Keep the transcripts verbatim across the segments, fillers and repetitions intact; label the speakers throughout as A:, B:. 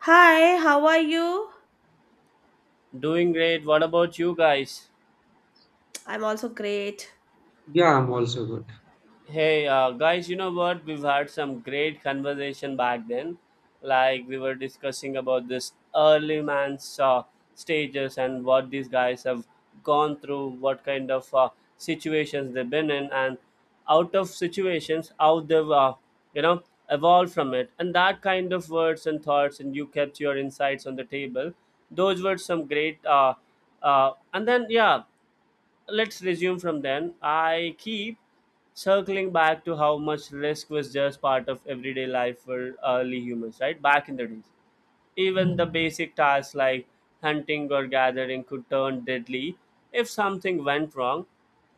A: Hi, how are you?
B: Doing great. What about you guys?
A: I'm also great.
C: Yeah, I'm also good.
B: Hey, uh, guys, you know what? We've had some great conversation back then. Like we were discussing about this early man's uh, stages and what these guys have gone through, what kind of uh, situations they've been in, and out of situations, how they've, uh, you know, evolved from it. And that kind of words and thoughts, and you kept your insights on the table. Those were some great uh, uh, and then yeah let's resume from then. I keep circling back to how much risk was just part of everyday life for early humans, right? Back in the days. Even the basic tasks like hunting or gathering could turn deadly if something went wrong.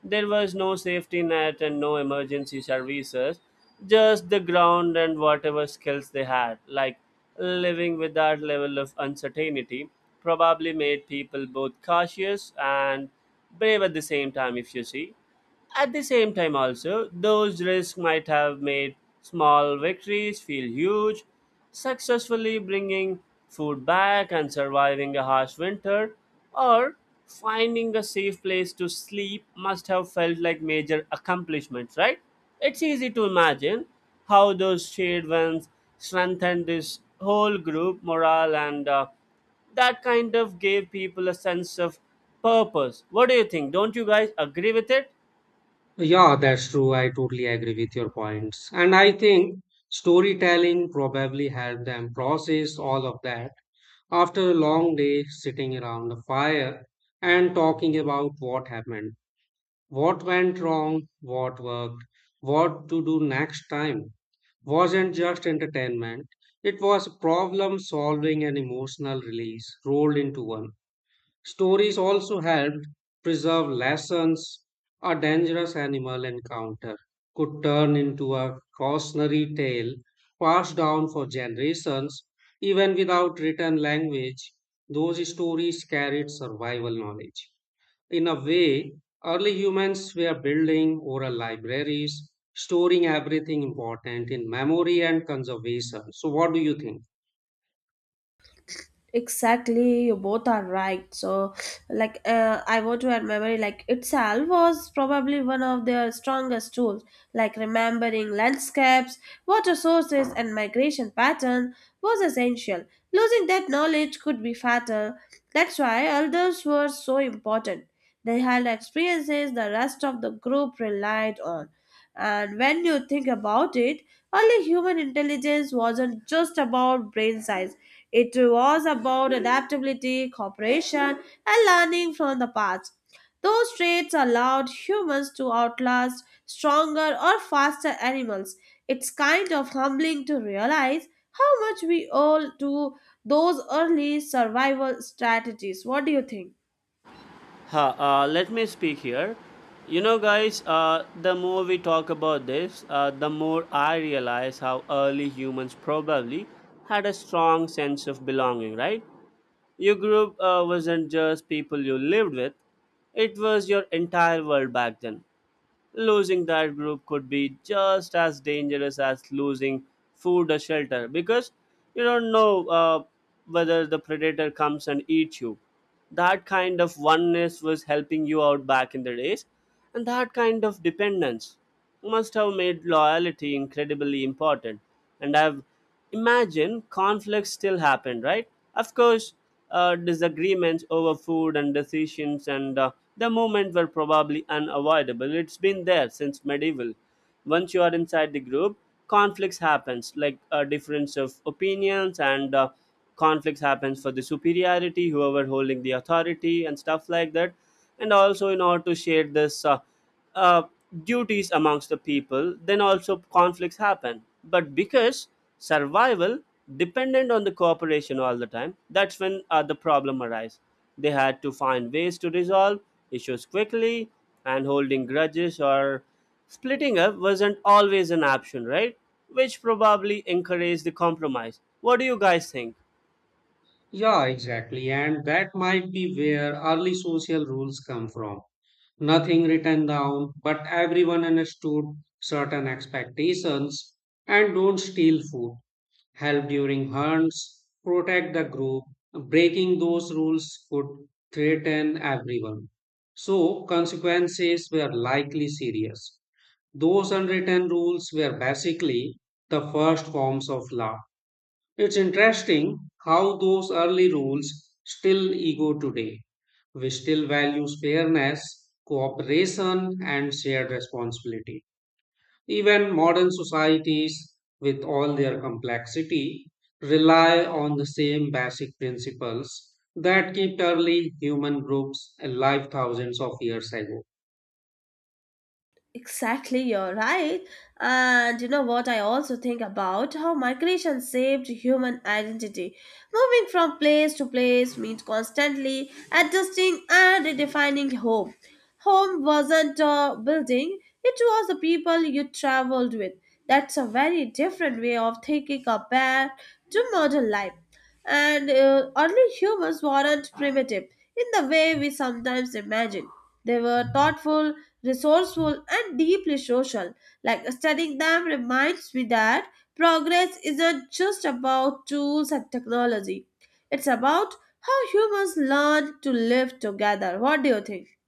B: There was no safety net and no emergency services, just the ground and whatever skills they had. Like living with that level of uncertainty probably made people both cautious and brave at the same time, if you see. At the same time, also, those risks might have made small victories feel huge. Successfully bringing food back and surviving a harsh winter, or finding a safe place to sleep, must have felt like major accomplishments, right? It's easy to imagine how those shared ones strengthened this whole group morale, and uh, that kind of gave people a sense of purpose. What do you think? Don't you guys agree with it?
C: Yeah, that's true. I totally agree with your points. And I think storytelling probably helped them process all of that after a long day sitting around the fire and talking about what happened, what went wrong, what worked, what to do next time. Wasn't just entertainment, it was problem solving and emotional release rolled into one. Stories also helped preserve lessons. A dangerous animal encounter could turn into a cautionary tale passed down for generations. Even without written language, those stories carried survival knowledge. In a way, early humans were building oral libraries, storing everything important in memory and conservation. So, what do you think?
A: Exactly, you both are right. So like uh, I want to add, memory like itself was probably one of their strongest tools, like remembering landscapes, water sources and migration pattern was essential. Losing that knowledge could be fatal. That's why elders were so important. They had experiences the rest of the group relied on. And when you think about it, early human intelligence wasn't just about brain size, it was about adaptability, cooperation, and learning from the past. Those traits allowed humans to outlast stronger or faster animals. It's kind of humbling to realize how much we owe to those early survival strategies. What do you think?
B: Huh, uh, let me speak here. You know, guys, uh, the more we talk about this, uh, the more I realize how early humans probably had a strong sense of belonging, right? Your group uh, wasn't just people you lived with, it was your entire world back then. Losing that group could be just as dangerous as losing food or shelter, because you don't know uh, whether the predator comes and eats you. That kind of oneness was helping you out back in the days, and that kind of dependence must have made loyalty incredibly important. And I've imagine conflicts still happen, right? Of course, uh, disagreements over food and decisions, and uh, the movements were probably unavoidable. It's been there since medieval. Once you are inside the group, conflicts happens like a difference of opinions, and uh, conflicts happens for the superiority, whoever holding the authority and stuff like that. And also in order to share this uh, uh, duties amongst the people, then also conflicts happen. But because survival dependent on the cooperation all the time, that's when uh, the problem arise. They had to find ways to resolve issues quickly, and holding grudges or splitting up wasn't always an option, right? Which probably encouraged the compromise. What do you guys think?
C: Yeah, exactly. And that might be where early social rules come from. Nothing written down, but everyone understood certain expectations and don't steal food, help during hunts, protect the group. Breaking those rules could threaten everyone. So, consequences were likely serious. Those unwritten rules were basically the first forms of law. It's interesting how those early rules still ego today. We still value fairness, cooperation, and shared responsibility. Even modern societies, with all their complexity, rely on the same basic principles that kept early human groups alive thousands of years ago.
A: Exactly, you're right. And you know what, I also think about how migration saved human identity. Moving from place to place means constantly adjusting and redefining home. Home wasn't a building, it was the people you traveled with. That's a very different way of thinking compared to modern life. And uh, early humans weren't primitive in the way we sometimes imagine. They were thoughtful, resourceful, and deeply social. Like studying them reminds me that progress isn't just about tools and technology, it's about how humans learn to live together. What do you think?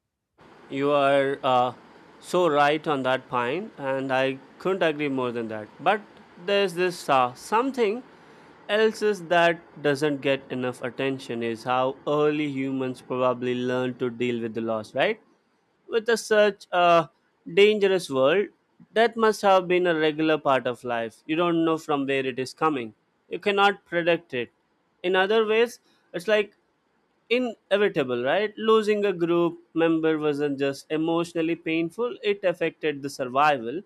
B: You are uh, so right on that point, and I couldn't agree more than that. But there's this uh, something else is that doesn't get enough attention is how early humans probably learn to deal with the loss, right? With a such a dangerous world, that must have been a regular part of life. You don't know from where it is coming. You cannot predict it. In other ways, it's like inevitable, right? Losing a group member wasn't just emotionally painful, it affected the survival.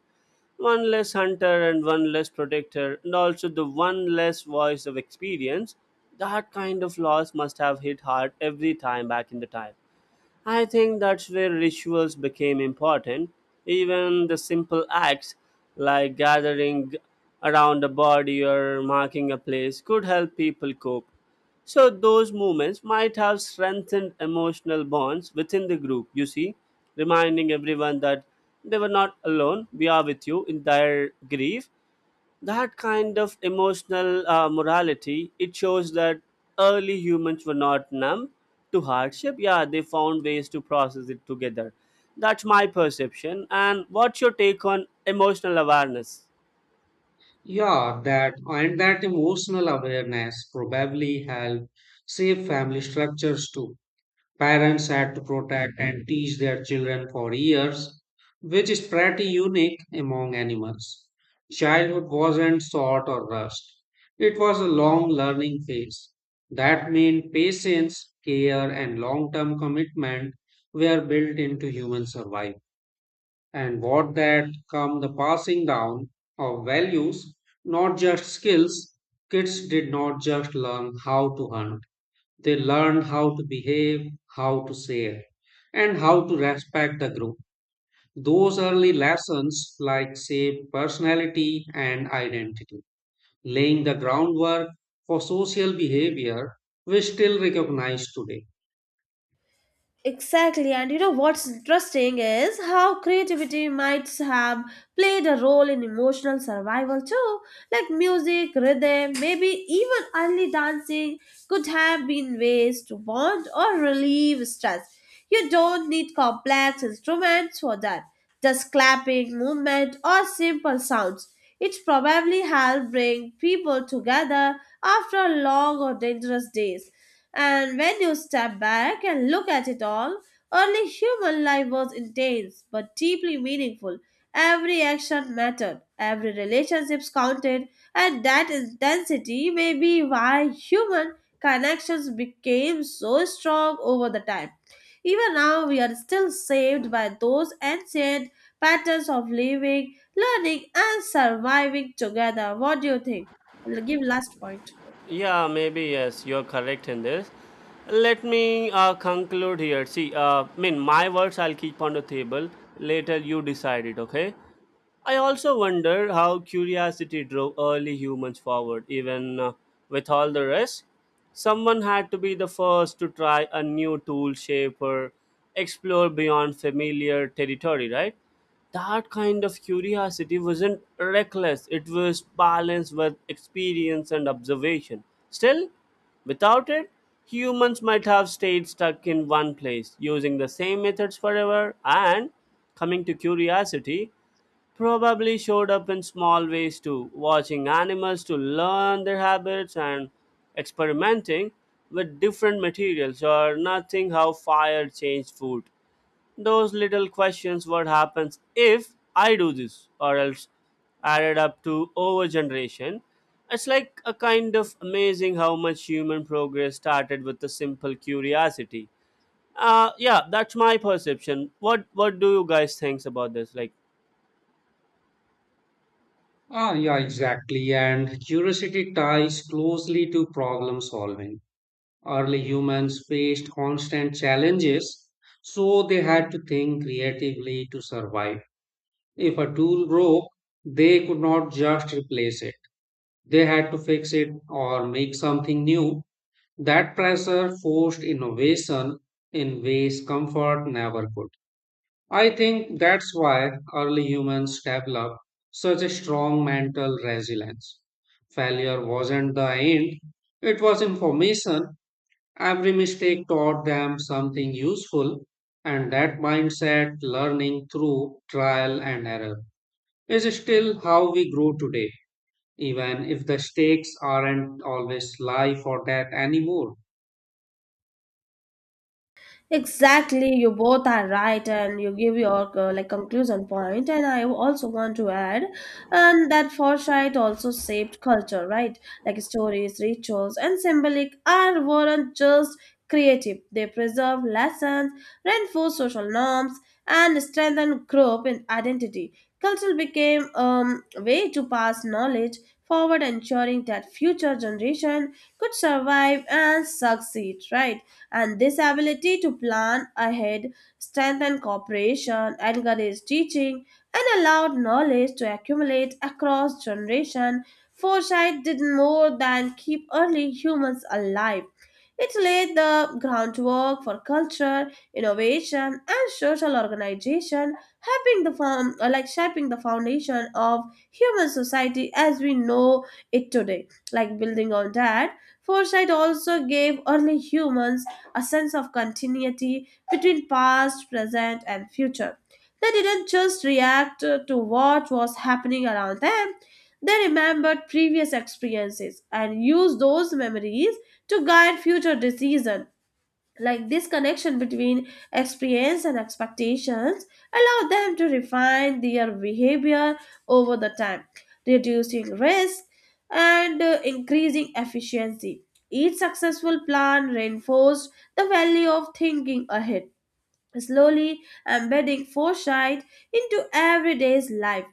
B: One less hunter and one less protector, and also the one less voice of experience. That kind of loss must have hit hard every time back in the time. I think that's where rituals became important. Even the simple acts like gathering around a body or marking a place could help people cope. So, those movements might have strengthened emotional bonds within the group, you see, reminding everyone that they were not alone, we are with you in their grief. That kind of emotional uh, morality it shows that early humans were not numb to hardship. Yeah, they found ways to process it together. That's my perception. And what's your take on emotional awareness?
C: Yeah, that and that emotional awareness probably helped shape family structures too. Parents had to protect and teach their children for years, which is pretty unique among animals. Childhood wasn't short or rushed, it was a long learning phase. That meant patience, care, and long term commitment were built into human survival. And what that come the passing down of values, not just skills, kids did not just learn how to hunt. They learn how to behave, how to share, and how to respect the group. Those early lessons like shape personality and identity, laying the groundwork for social behavior we still recognize today.
A: Exactly, and you know what's interesting is how creativity might have played a role in emotional survival too. Like music, rhythm, maybe even early dancing could have been ways to bond or relieve stress. You don't need complex instruments for that, just clapping, movement, or simple sounds. It probably helped bring people together after long or dangerous days. And when you step back and look at it all, early human life was intense but deeply meaningful. Every action mattered, every relationship counted, and that intensity may be why human connections became so strong over the time. Even now, we are still saved by those ancient patterns of living, learning, and surviving together. What do you think? I'll give last point.
B: Yeah, maybe yes, you're correct in this. Let me uh, conclude here. See, uh, I mean, my words I'll keep on the table. Later, you decide it, okay? I also wonder how curiosity drove early humans forward, even uh, with all the rest. Someone had to be the first to try a new tool shape or explore beyond familiar territory, right? That kind of curiosity wasn't reckless, it was balanced with experience and observation. Still, without it humans might have stayed stuck in one place using the same methods forever. And coming to curiosity, probably showed up in small ways too, watching animals to learn their habits and experimenting with different materials or nothing how fire changed food. Those little questions what happens if I do this or else added up to over generation. It's like a kind of amazing how much human progress started with a simple curiosity. Uh yeah, that's my perception. What what do you guys think about this? Like
C: Ah, yeah, exactly. And curiosity ties closely to problem solving. Early humans faced constant challenges, so they had to think creatively to survive. If a tool broke, they could not just replace it. They had to fix it or make something new. That pressure forced innovation in ways comfort never could. I think that's why early humans developed such a strong mental resilience. Failure wasn't the end, it was information. Every mistake taught them something useful, and that mindset learning through trial and error is still how we grow today, even if the stakes aren't always life or death anymore.
A: Exactly, you both are right, and you give your uh, like conclusion point. And I also want to add, and that foresight also shaped culture, right? Like stories, rituals, and symbolic are weren't just creative; they preserve lessons, reinforce social norms, and strengthen group and identity. Culture became um, a way to pass knowledge forward, ensuring that future generation could survive and succeed, right? And this ability to plan ahead strengthened cooperation, encouraged teaching, and allowed knowledge to accumulate across generation. Foresight did more than keep early humans alive. It laid the groundwork for culture, innovation, and social organization, helping the form, uh, like shaping the foundation of human society as we know it today. Like building on that, foresight also gave early humans a sense of continuity between past, present, and future. They didn't just react uh, to what was happening around them, they remembered previous experiences and used those memories to guide future decisions, like this connection between experience and expectations allow them to refine their behavior over the time, reducing risk and uh, increasing efficiency. Each successful plan reinforced the value of thinking ahead, slowly embedding foresight into everyday's life.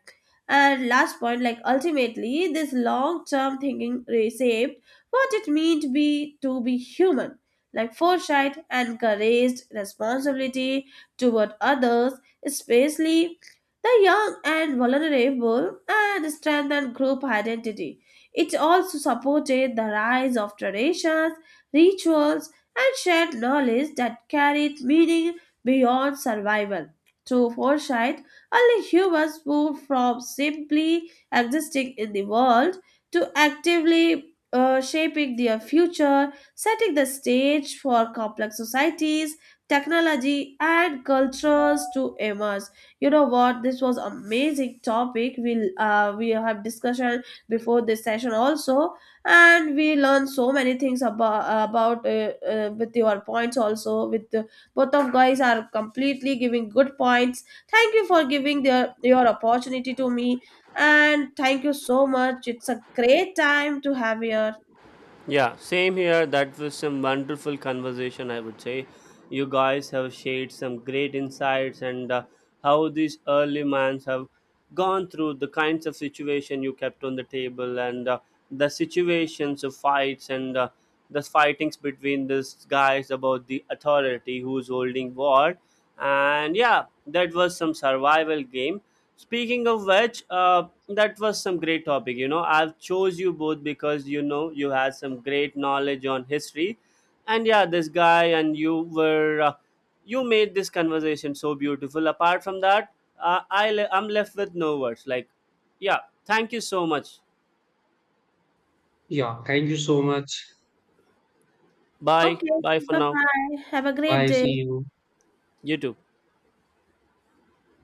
A: And last point, like ultimately, this long-term thinking reshaped what it means to be to be human. Like foresight encouraged responsibility toward others, especially the young and vulnerable, and strengthened group identity. It also supported the rise of traditions, rituals, and shared knowledge that carried meaning beyond survival. To foresight, only humans move from simply existing in the world to actively uh, shaping their future, setting the stage for complex societies, technology, and cultures to emerge. You know what? This was amazing topic. We'll uh, we have discussion before this session also, and we learned so many things about about uh, uh, with your points also, with both of guys are completely giving good points. Thank you for giving their, your opportunity to me. And thank you so much. It's a great time to have here.
B: yeah, same here. That was some wonderful conversation, I would say. You guys have shared some great insights, and uh, how these early minds have gone through the kinds of situation you kept on the table, and uh, the situations of fights, and uh, the fightings between these guys about the authority who's holding what. And yeah, that was some survival game. Speaking of which, uh, that was some great topic. You know, I've chose you both because you know you had some great knowledge on history, and yeah, this guy and you were uh, you made this conversation so beautiful. Apart from that, uh, I le- I'm left with no words. Like, yeah, thank you so much.
C: Yeah, thank you so much.
B: Bye,
A: Okay,
B: bye for
A: bye
B: now.
A: bye. Have a great
C: Bye, see
A: day.
C: you.
B: You too.